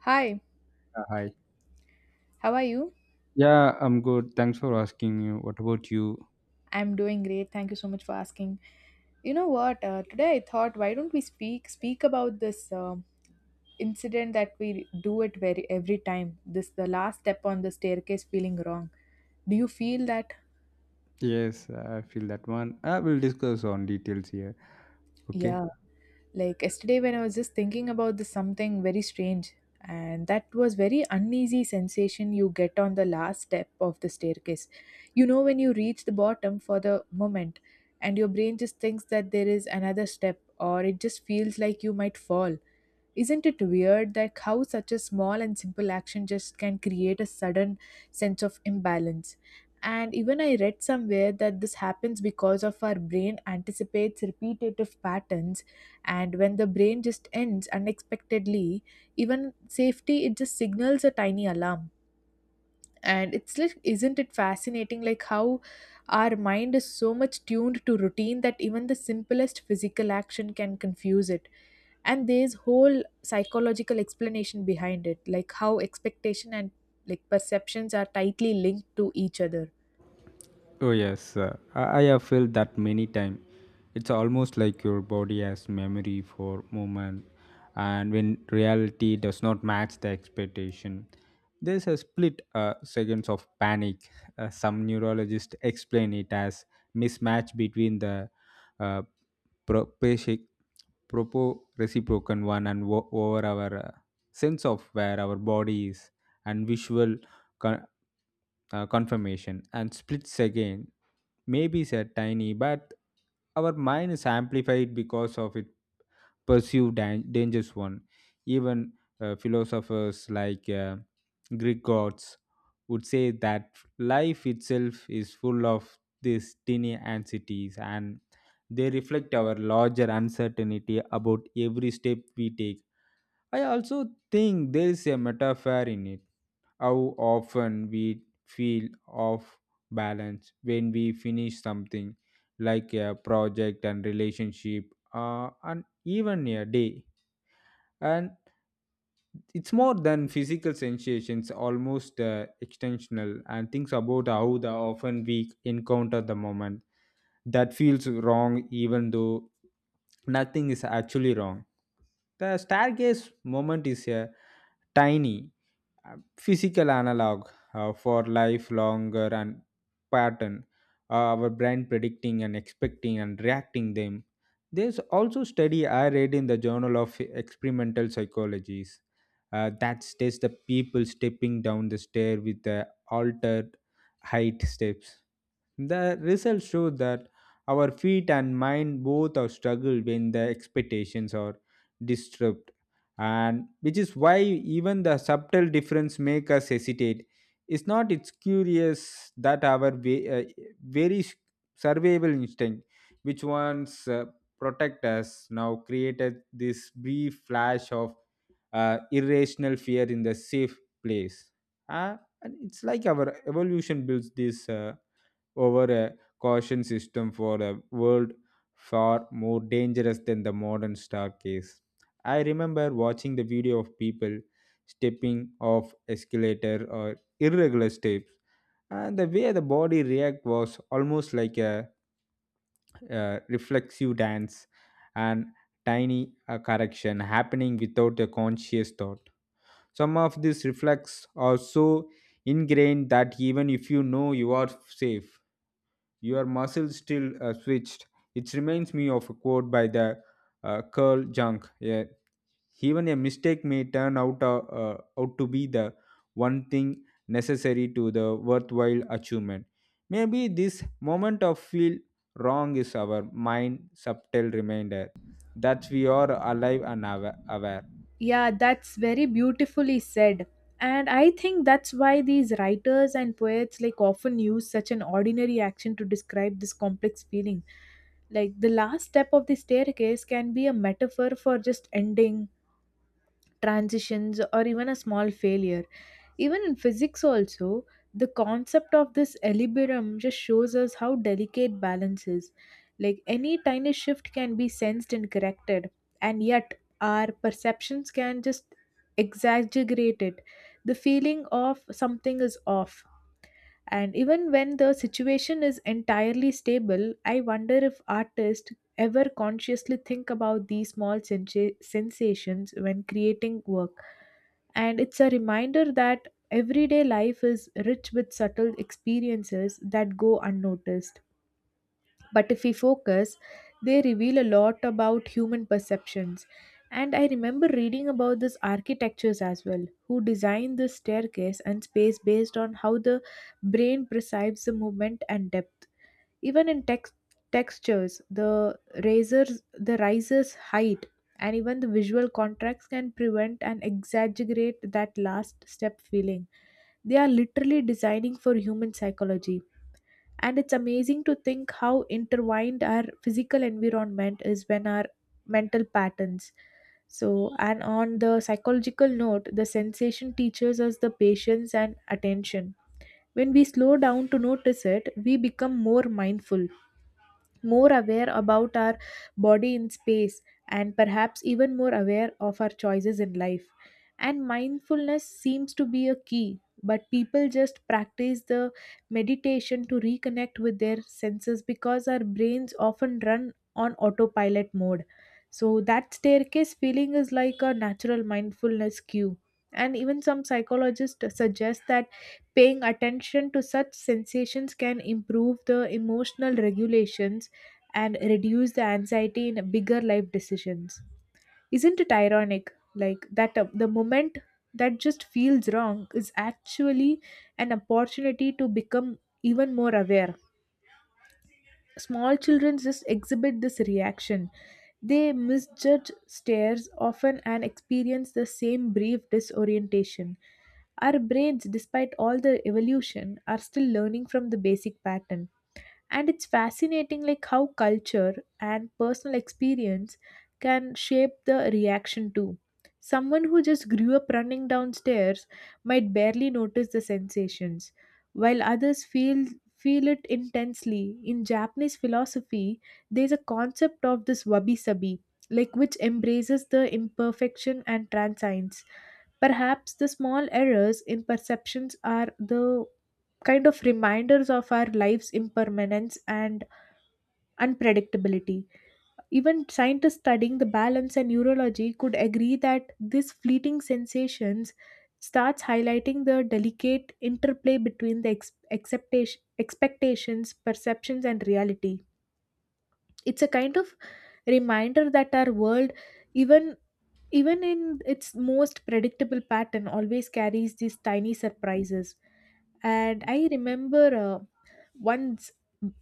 Hi, Hi. how are you? Yeah, I'm good. Thanks for asking you. What about you? I'm doing great. Thank you so much for asking. You know what? Today I thought, why don't we speak about this incident that we do it very every time. This the last step on the staircase feeling wrong. Do you feel that? Yes, I feel that one. I will discuss on details here. Okay. Yeah. Like yesterday, when I was just thinking about this something very strange, and that was very uneasy sensation you get on the last step of the staircase. You know, when you reach the bottom for the moment, and your brain just thinks that there is another step, or it just feels like you might fall. Isn't it weird that how such a small and simple action just can create a sudden sense of imbalance? And even I read somewhere that this happens because of our brain anticipates repetitive patterns, and when the brain just ends unexpectedly, even safety it just signals a tiny alarm. And it's like, isn't it fascinating like how our mind is so much tuned to routine that even the simplest physical action can confuse it, and there's whole psychological explanation behind it like how expectation and like perceptions are tightly linked to each other. Oh yes, I have felt that many times. It's almost like your body has memory for moment, and when reality does not match the expectation, there's a split seconds of panic. Some neurologists explain it as mismatch between the uh, pro- basic- propo reciprocal one and over our sense of where our body is and visual con- confirmation and split second maybe is a tiny but our mind is amplified because of it perceived dangerous one. Even philosophers like Greek gods would say that life itself is full of these tiny anxieties, and they reflect our larger uncertainty about every step we take. I also think there is a metaphor in it, how often we feel off balance when we finish something, like a project and relationship, and even a day. And it's more than physical sensations, almost extensional, and thinks about how the often we encounter the moment that feels wrong even though nothing is actually wrong. The staircase moment is a tiny physical analog for life longer and pattern, our brain predicting and expecting and reacting them. There's also study I read in the Journal of Experimental Psychologies, that states the people stepping down the stair with the altered height steps. The results show that our feet and mind both are struggle when the expectations are disturbed, and which is why even the subtle difference make us hesitate. It's not, it's curious that our very survival instinct, which once protect us, now created this brief flash of irrational fear in the safe place. And it's like our evolution builds this. Over a caution system for a world far more dangerous than the modern staircase. I remember watching the video of people stepping off escalator or irregular steps, and the way the body react was almost like a reflexive dance and tiny correction happening without a conscious thought. Some of these reflex are so ingrained that even if you know you are safe, your muscle still switched. It reminds me of a quote by the Carl Jung. Yeah. Even a mistake may turn out out to be the one thing necessary to the worthwhile achievement. Maybe this moment of feel wrong is our mind subtle reminder that we are alive and aware. Yeah, that's very beautifully said, and I think that's why these writers and poets like often use such an ordinary action to describe this complex feeling. Like the last step of the staircase can be a metaphor for just ending, transitions, or even a small failure. Even in physics also, the concept of this equilibrium just shows us how delicate balance is. Like any tiny shift can be sensed and corrected, and yet our perceptions can just exaggerate it, the feeling of something is off. And even when the situation is entirely stable, I wonder if artists ever consciously think about these small sensations when creating work. And it's a reminder that everyday life is rich with subtle experiences that go unnoticed. But if we focus, they reveal a lot about human perceptions. And I remember reading about these architectures as well, who designed the staircase and space based on how the brain perceives the movement and depth. Even in textures, the razors the riser's height and even the visual contracts can prevent and exaggerate that last step feeling. They are literally designing for human psychology, and it's amazing to think how intertwined our physical environment is when our mental patterns. So, and on the psychological note, the sensation teaches us the patience and attention. When we slow down to notice it, we become more mindful, more aware about our body in space, and perhaps even more aware of our choices in life. And mindfulness seems to be a key, but people just practice the meditation to reconnect with their senses because our brains often run on autopilot mode. So, that staircase feeling is like a natural mindfulness cue. And even some psychologists suggest that paying attention to such sensations can improve the emotional regulations and reduce the anxiety in bigger life decisions. Isn't it ironic? Like that the moment that just feels wrong is actually an opportunity to become even more aware. Small children just exhibit this reaction. They misjudge stares often and experience the same brief disorientation. Our brains, despite all the evolution, are still learning from the basic pattern, and it's fascinating like how culture and personal experience can shape the reaction too. Someone who just grew up running downstairs might barely notice the sensations, while others feel it intensely. In Japanese philosophy, there's a concept of this wabi-sabi, like which embraces the imperfection and transience. Perhaps the small errors in perceptions are the kind of reminders of our life's impermanence and unpredictability. Even scientists studying the balance and neurology could agree that this fleeting sensations starts highlighting the delicate interplay between the acceptation, expectations, perceptions, and reality. It's a kind of reminder that our world, even even in its most predictable pattern, always carries these tiny surprises. And I remember once,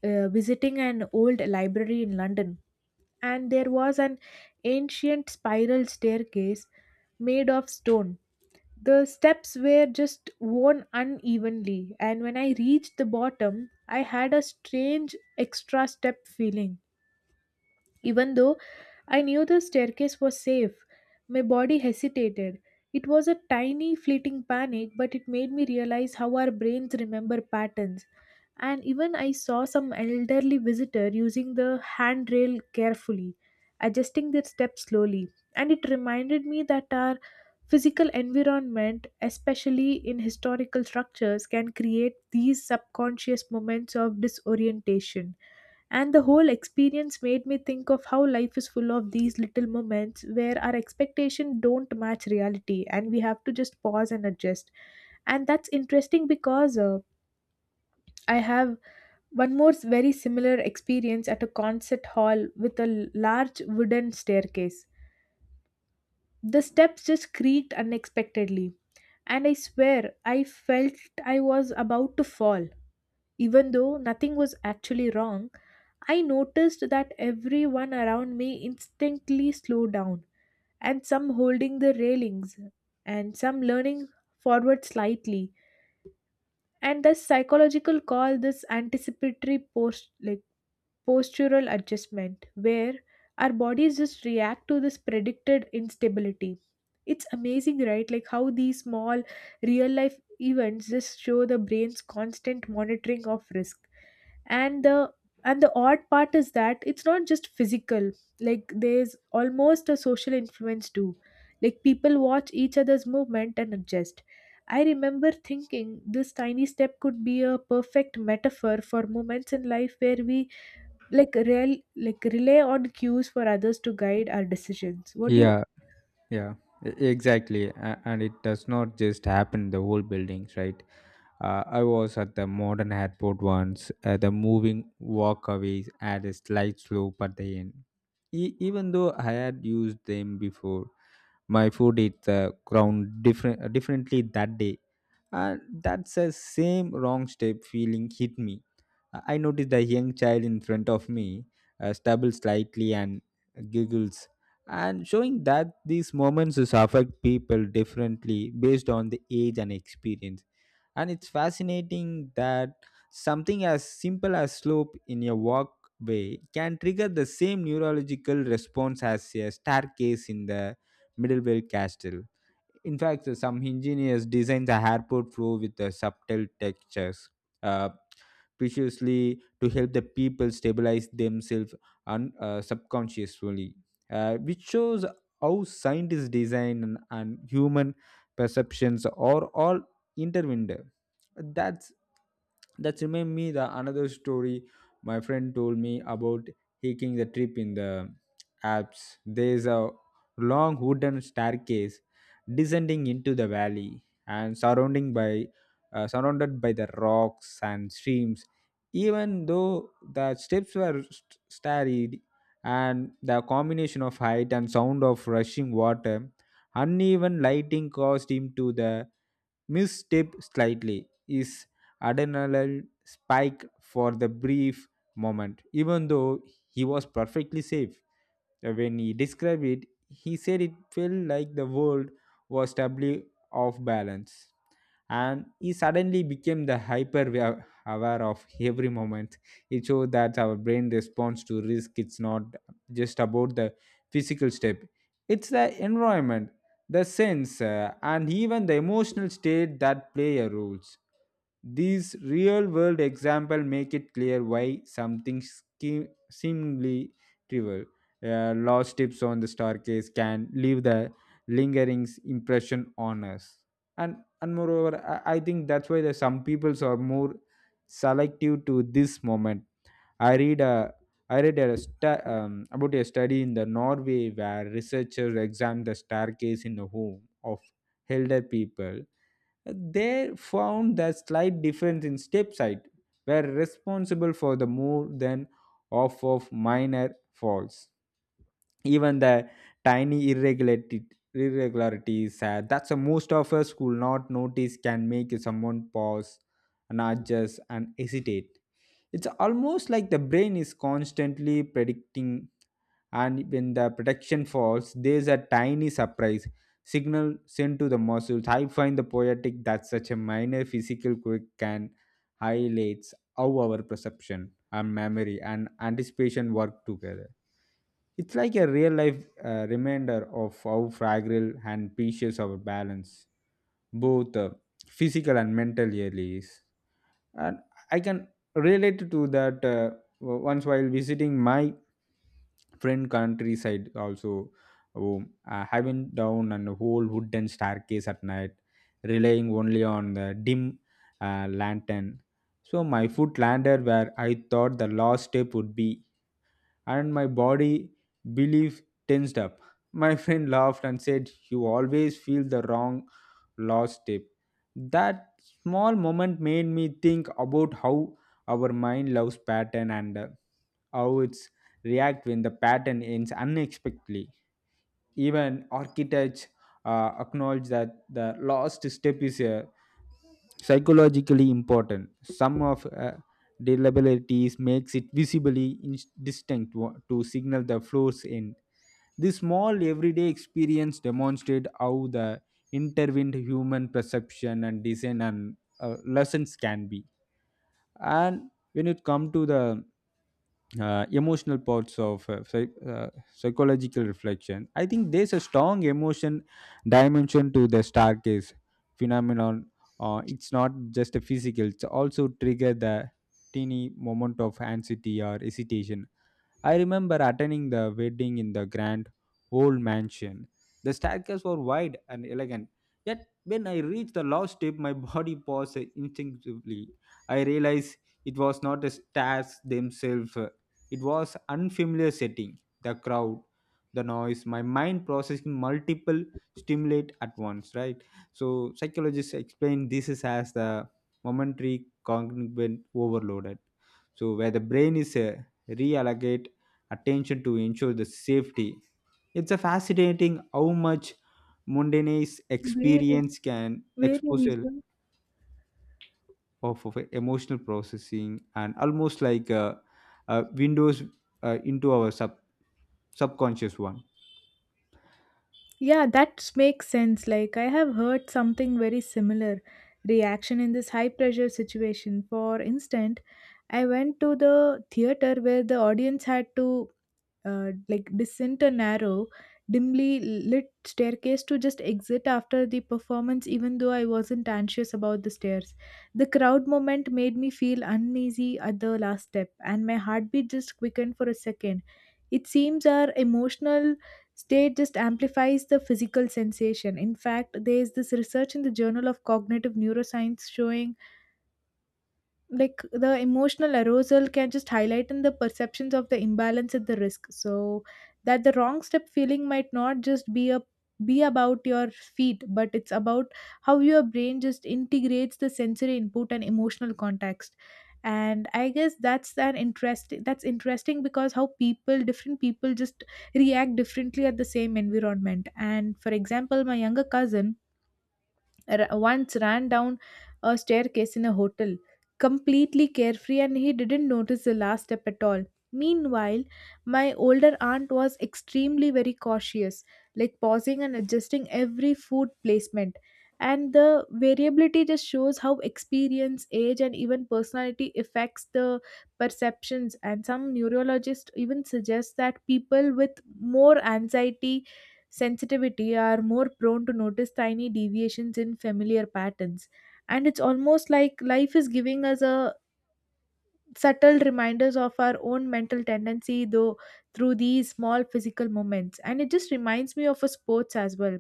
visiting an old library in London, and there was an ancient spiral staircase made of stone. The steps were just worn unevenly, and when I reached the bottom, I had a strange extra step feeling. Even though I knew the staircase was safe, my body hesitated. It was a tiny fleeting panic, but it made me realize how our brains remember patterns. And even I saw some elderly visitor using the handrail carefully, adjusting their steps slowly. And it reminded me that our physical environment, especially in historical structures, can create these subconscious moments of disorientation. And the whole experience made me think of how life is full of these little moments where our expectation don't match reality and we have to just pause and adjust. And that's interesting because I have one more very similar experience at a concert hall with a large wooden staircase. The steps just creaked unexpectedly, and I swear I felt I was about to fall. Even though nothing was actually wrong, I noticed that everyone around me instantly slowed down, and some holding the railings, and some leaning forward slightly. And the psychological call this anticipatory post. Postural adjustment where our bodies just react to this predicted instability. It's amazing, right? Like how these small real life events just show the brain's constant monitoring of risk. and the and the odd part is that it's not just physical. Like there's almost a social influence too, like people watch each other's movement and adjust. I remember thinking this tiny step could be a perfect metaphor for moments in life where we like rely on cues for others to guide our decisions. What do you Yeah, yeah, exactly. And it does not just happen in the whole buildings, right? I was at the modern airport once. The moving walkways had a slight slope at the end. Even though I had used them before, my foot hit the ground differently that day. And that's the same wrong step feeling hit me. I noticed the young child in front of me stumbles slightly and giggles. And showing that these moments affect people differently based on the age and experience, and it's fascinating that something as simple as slope in a walkway can trigger the same neurological response as a staircase in the medieval castle. In fact, some engineers design the airport floor with subtle textures, uh, preciously to help the people stabilize themselves, subconsciously, which shows how scientist design and human perceptions are all intertwined. That's that remind me the another story my friend told me about hiking the trip in the Alps. There's a long wooden staircase descending into the valley and surrounding by surrounded by the rocks and streams. Even though the steps were storied, and the combination of height and sound of rushing water, uneven lighting caused him to the misstep slightly. His adrenaline spike for the brief moment, even though he was perfectly safe. When he described it, he said it felt like the world was stably off balance. And he suddenly became the hyper aware of every moment. It showed that our brain responds to risk. It's not just about the physical step, it's the environment, the sense, and even the emotional state that play a roles. These real world examples make it clear why something seemingly trivial, lost tips on the staircase, can leave the lingering impression on us. And and moreover, I think that's why there's some peoples are more selective to this moment. I read a I read a about a study in the Norway where researchers examined the staircase in the home of elder people. They found the slight difference in step height were responsible for the more than half of minor falls. Even the tiny irregularities, that's the most of us will not notice, can make someone pause and adjust and hesitate. It's almost like the brain is constantly predicting, and when the prediction falls, there's a tiny surprise signal sent to the muscles. I find the poetic that such a minor physical quirk can highlights how our perception, our memory, and anticipation work together. It's like a real life reminder of how fragile and precious our balance, both physical and mental, really is. And I can relate to that. Once while visiting my friend countryside also home, having down an whole wooden staircase at night, relying only on the dim lantern. So my foot landed where I thought the last step would be, and my body belief tensed up. My friend laughed and said, "You always feel the wrong last step." That small moment made me think about how our mind loves pattern, and how it's react when the pattern ends unexpectedly. Even architects acknowledge that the last step is a psychologically important. Some of reliabilities makes it visibly distinct to signal the flow's end. This small everyday experience demonstrate how the intervened human perception and design and lessons can be. And when it come to the emotional parts of psychological reflection. I think there's a strong emotion dimension to the staircase phenomenon. It's not just a physical; it's also trigger the teeny moment of anxiety or hesitation. I remember attending the wedding in the grand old mansion. The staircases were wide and elegant, yet when I reached the last step, my body paused instinctively. I realized it was not the stairs themselves, it was unfamiliar setting, the crowd, the noise, my mind processing multiple stimulate at once, right? So psychologists explain this is as the momentary cognitive overloaded. So where the brain is reallocate attention to ensure the safety. It's a fascinating how much mundane Where, experience can where expose is a it? Of emotional processing, and almost like a windows into our subconscious one. Yeah, that makes sense. Like, I have heard something very similar reaction in this high pressure situation. For instance, I went to the theater where the audience had to like descent a narrow, dimly lit staircase to just exit after the performance, even though I wasn't anxious about the stairs. The crowd moment made me feel uneasy at the last step, and my heartbeat just quickened for a second. It seems our emotional state just amplifies the physical sensation. In fact, there is this research in the Journal of Cognitive Neuroscience showing like the emotional arousal can just highlight in the perceptions of the imbalance at the risk, so that the wrong step feeling might not just be a be about your feet, but it's about how your brain just integrates the sensory input and emotional context. And I guess that's an interest that's interesting because how people different people just react differently at the same environment. And for example, my younger cousin once ran down a staircase in a hotel, completely carefree, and he didn't notice the last step at all. Meanwhile, my older aunt was extremely very cautious, like pausing and adjusting every food placement. And the variability just shows how experience, age, and even personality affects the perceptions. And some neurologists even suggest that people with more anxiety sensitivity are more prone to notice tiny deviations in familiar patterns, and it's almost like life is giving us a subtle reminders of our own mental tendency though through these small physical moments. And it just reminds me of a sports as well.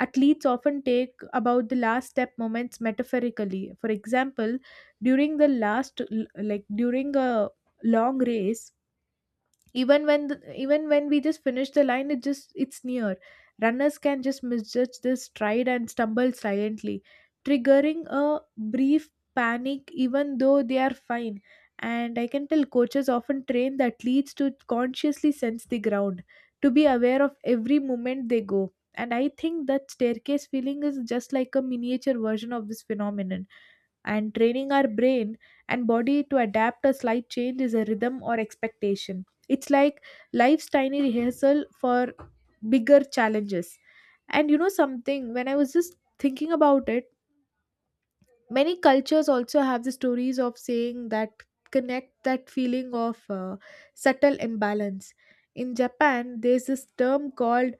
Athletes often take about the last step moments metaphorically. For example, during the last like during a long race, even when we just finish the line, it just it's near, runners can just misjudge this stride and stumble silently, triggering a brief panic even though they are fine. And I can tell coaches often train the athletes to consciously sense the ground, to be aware of every moment they go. And I think that staircase feeling is just like a miniature version of this phenomenon, and training our brain and body to adapt a slight change is a rhythm or expectation. It's like life's tiny rehearsal for bigger challenges. And you know something, when I was just thinking about it, many cultures also have the stories of saying that connect that feeling of subtle imbalance. In Japan, there's this term called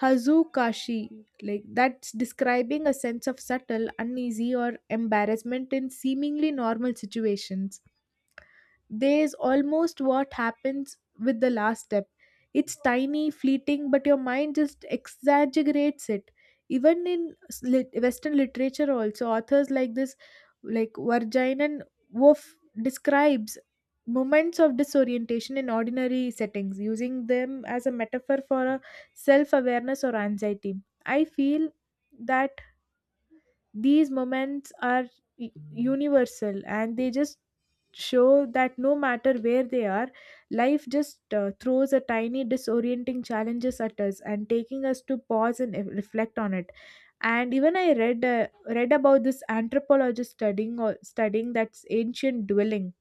Hazukashi, like that's describing a sense of subtle uneasy or embarrassment in seemingly normal situations. There's almost what happens with the last step. It's tiny, fleeting, but your mind just exaggerates it. Even in Western literature, also authors like this, like Varjayan Wolf, describes moments of disorientation in ordinary settings, using them as a metaphor for a self-awareness or anxiety. I feel that these moments are universal and they just show that no matter where they are, life just throws a tiny disorienting challenges at us and taking us to pause and reflect on it. And even I read read about this anthropologist studying or studying that's ancient dwelling,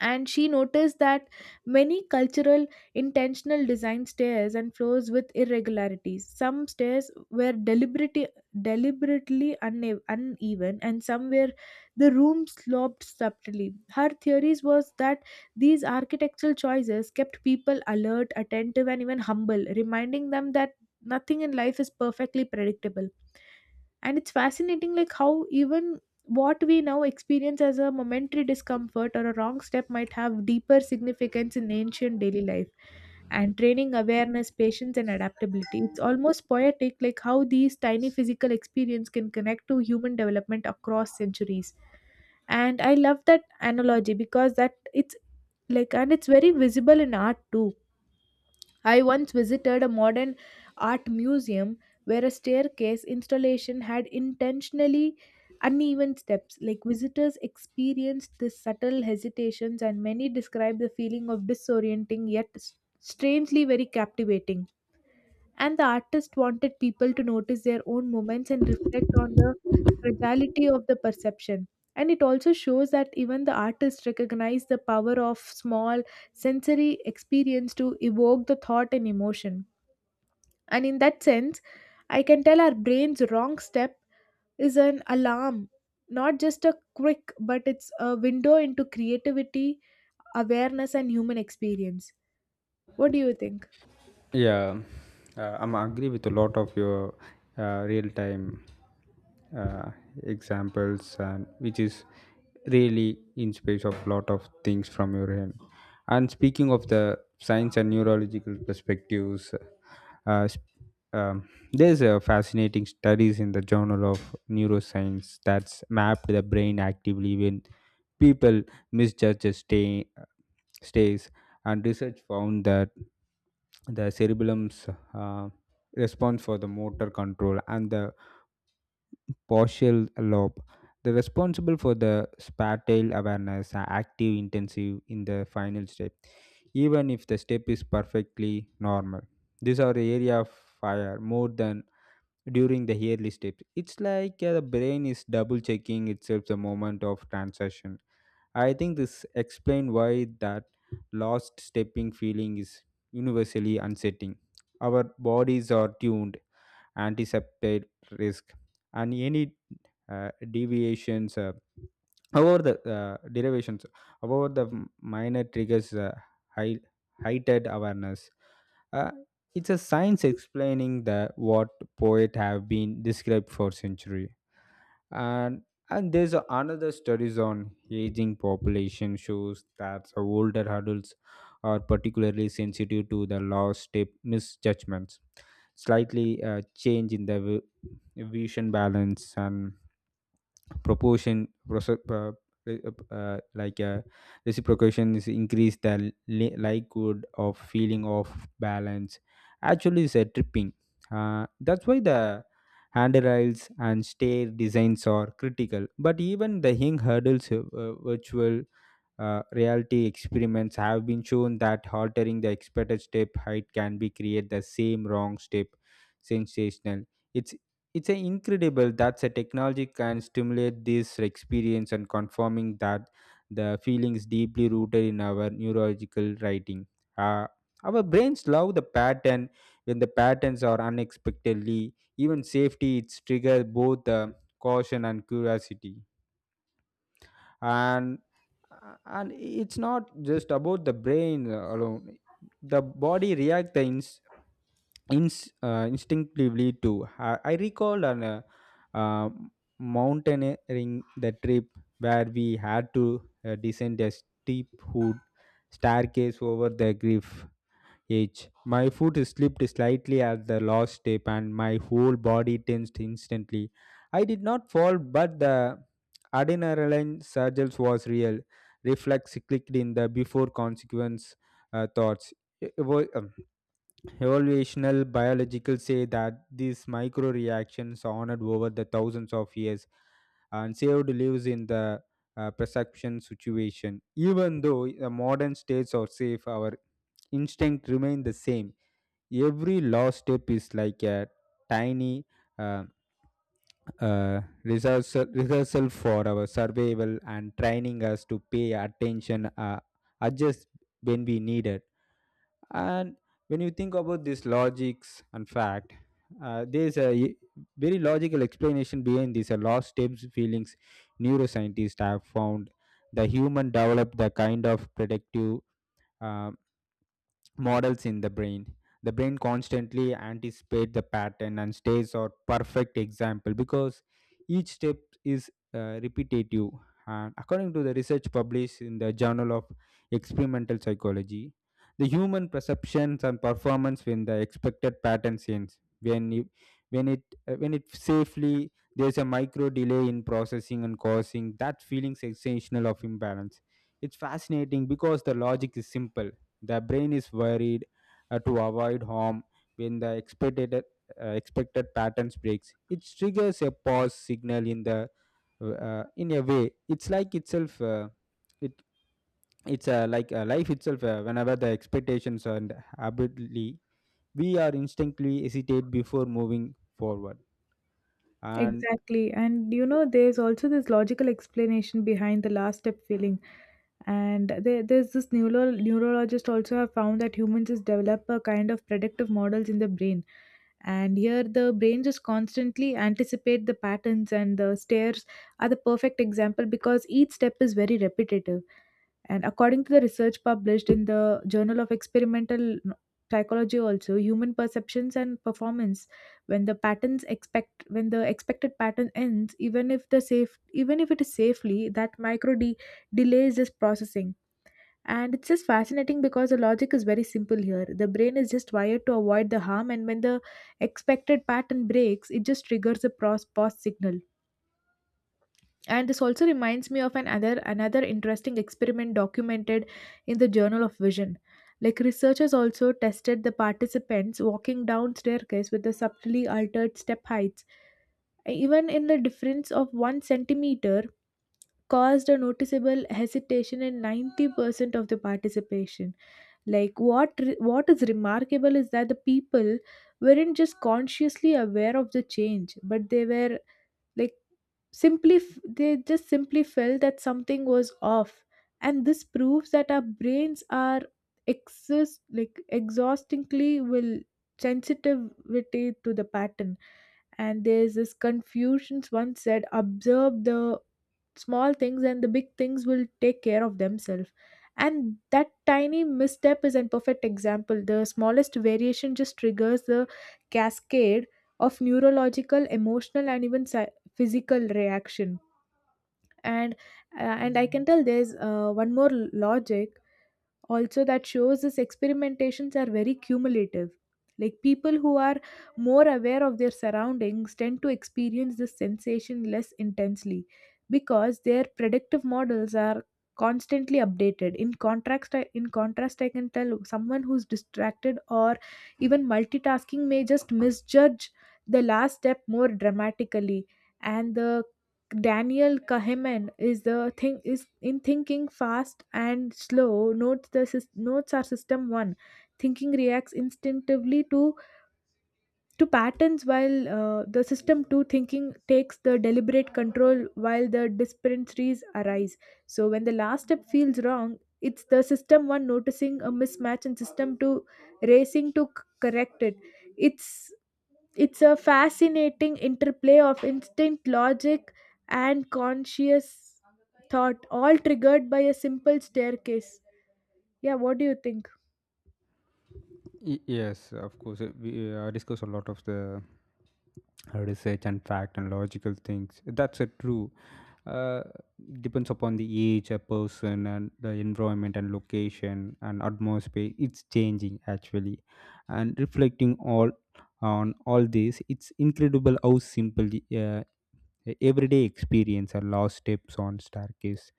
and she noticed that many cultural intentional design stairs and floors with irregularities. Some stairs were deliberately uneven, and some were the room sloped subtly. Her theories was that these architectural choices kept people alert, attentive, and even humble, reminding them that nothing in life is perfectly predictable. And it's fascinating like how even what we now experience as a momentary discomfort or a wrong step might have deeper significance in ancient daily life and training awareness, patience, and adaptability. It's almost poetic, like how these tiny physical experience can connect to human development across centuries. And I love that analogy because that it's like, and it's very visible in art too. I once visited a modern art museum where a staircase installation had intentionally uneven steps. Like, visitors experienced the subtle hesitations, and many described the feeling of disorienting yet strangely very captivating. And the artist wanted people to notice their own moments and reflect on the fragility of the perception. And it also shows that even the artist recognized the power of small sensory experience to evoke the thought and emotion. And in that sense, I can tell our brain's wrong step is an alarm, not just a quick, but it's a window into creativity, awareness, and human experience. What do you think? Yeah, I'm agree with a lot of your real time uh, examples, and which is really in space of lot of things from your end. And speaking of the science and neurological perspectives, uh, sp- there's a fascinating studies in the Journal of Neuroscience that's mapped the brain actively when people misjudge a stays, and research found that the cerebellum's uh, response for the motor control, and the partial lobe the responsible for the spatial awareness, are active intensive in the final step, even if the step is perfectly normal. These are the area of fire more than during the early steps. It's like the brain is double checking itself the moment of transition. I think this explains why that lost stepping feeling is universally unsettling. Our bodies are tuned, anticipate risk, and any deviations, however the uh, derivations however the minor triggers, high, heightened awareness. uh, it's a science explaining the what poet have been described for century. And and there's another studies on aging population shows that the older adults are particularly sensitive to the loss step misjudgments. Slightly change in the vi- vision balance and proportion proce- re- like reciprocation is increase the likelihood of feeling of balance. Actually, it's a tripping, that's why the handrails and stair designs are critical. But even the hang hurdles, virtual reality experiments have been shown that altering the expected step height can be create the same wrong step sensational. It's it's a incredible that a technology can stimulate this experience, and confirming that the feelings deeply rooted in our neurological writing. Uh, our brains love the pattern. When the patterns are unexpectedly even safety, it's trigger both the caution and curiosity. And and it's not just about the brain alone. The body reacts the instinctively too. I recall an uh, mountaineering the trip where we had to descend a steep hood staircase over the cliff edge. My foot slipped slightly at the last step, and my whole body tensed instantly. I did not fall, but the adrenaline surge was real. Reflex clicked in the before consequence thoughts. E-, Evo- um, Evolutional biological say that these micro reactions honored over the thousands of years, and saved lives in the perception situation. Even though the modern states are safe, our instinct remain the same. Every last step is like a tiny, uh, rehearsal for our survival, and training us to pay attention, adjust when we need it. And when you think about this logics and fact, there's a very logical explanation behind this. A lost steps feelings, neuroscientists have found the human developed the kind of predictive uh, models in the brain. The brain constantly anticipates the pattern, and stays or perfect example because each step is repetitive. And according to the research published in the Journal of Experimental Psychology, the human perceptions and performance when the expected pattern ends, when it, when it safely, there's a micro delay in processing and causing that feeling sensational of imbalance. It's fascinating because the logic is simple. The brain is worried, to avoid harm when the expected patterns breaks. It triggers a pause signal in the, in a way. It's like itself. It it's Like life itself. Whenever the expectations and habitually, we are instinctively hesitate before moving forward. And Exactly. And you know, there's also this logical explanation behind the last step feeling. And there's this neurologist also have found that humans just develop a kind of predictive models in the brain. And here the brain just constantly anticipate the patterns, and the stairs are the perfect example because each step is very repetitive. And according to the research published in the Journal of Experimental Psychology also, human perceptions and performance when the patterns expect when the expected pattern ends, even if the safe, even if it is safely, that delays this processing. And it's just fascinating because the logic is very simple here. The brain is just wired to avoid the harm, and when the expected pattern breaks, it just triggers a pause signal. And this also reminds me of another interesting experiment documented in the Journal of Vision. Like, researchers also tested the participants walking down staircase with the subtly altered step heights. Even in the difference of 1 centimeter caused a noticeable hesitation in 90% of the participation. Like, what is remarkable is that the people weren't just consciously aware of the change, but they were like simply they just simply felt that something was off. And this proves that our brains are exist like exhaustingly will sensitivity to the pattern. And there's this confusions once said, observe the small things and the big things will take care of themselves. And that tiny misstep is a perfect example. The smallest variation just triggers the cascade of neurological, emotional, and even physical reaction. And uh, and I can tell there's one more logic also that shows this experimentations are very cumulative. Like, people who are more aware of their surroundings tend to experience this sensation less intensely because their predictive models are constantly updated. In contrast, I can tell someone who's distracted or even multitasking may just misjudge the last step more dramatically. And the Daniel Kahneman is the thing is in Thinking Fast and Slow. Notes are system one thinking reacts instinctively to patterns, while the system two thinking takes the deliberate control while the disparities arise. So when the last step feels wrong, it's the system one noticing a mismatch and system two racing to correct it. It's it's a fascinating interplay of instinct, logic, and conscious thought, all triggered by a simple staircase. Yeah, what do you think? Yes, of course, we discuss a lot of the research and fact and logical things. That's a true, uh, depends upon the age a person and the environment and location and atmosphere, it's changing actually. And reflecting all on all this, it's incredible how simple the everyday experience or lost steps on staircase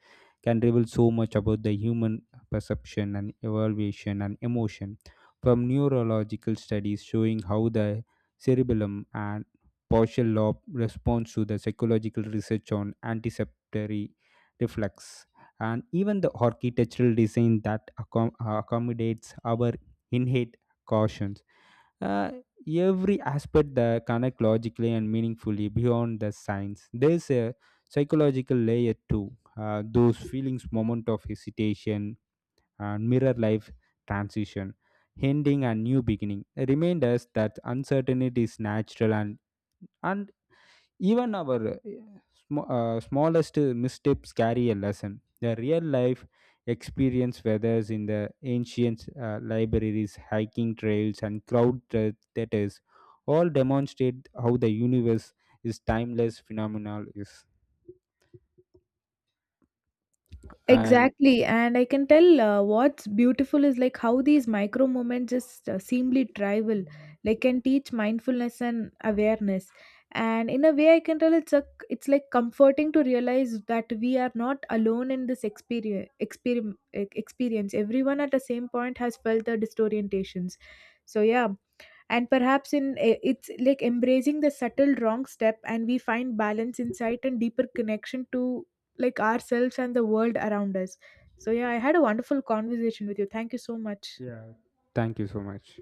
can reveal so much about the human perception and evaluation and emotion. From neurological studies showing how the cerebellum and partial lobe responds, to the psychological research on anticipatory reflex, and even the architectural design that accommodates our innate caution, uh, every aspect that connect logically and meaningfully. Beyond the science, there's a psychological layer too. Those feelings moment of hesitation and mirror life transition, ending and new beginning, remind us that uncertainty is natural, and even our smallest missteps carry a lesson. The real life experience, whether it's in the ancient libraries, hiking trails, and crowd theaters, all demonstrate how the universe is timeless phenomenal is. And Exactly, and I can tell what's beautiful is like how these micro moments just seemingly trivial, like, can teach mindfulness and awareness. And in a way, I can tell it's like comforting to realize that we are not alone in this experience. Experience. Experience. Everyone at the same point has felt the disorientations. So yeah, and perhaps in eh, it's like embracing the subtle wrong step and we find balance, insight, and deeper connection to like ourselves and the world around us. So yeah, I had a wonderful conversation with you. Thank you so much. yeah, thank you so much.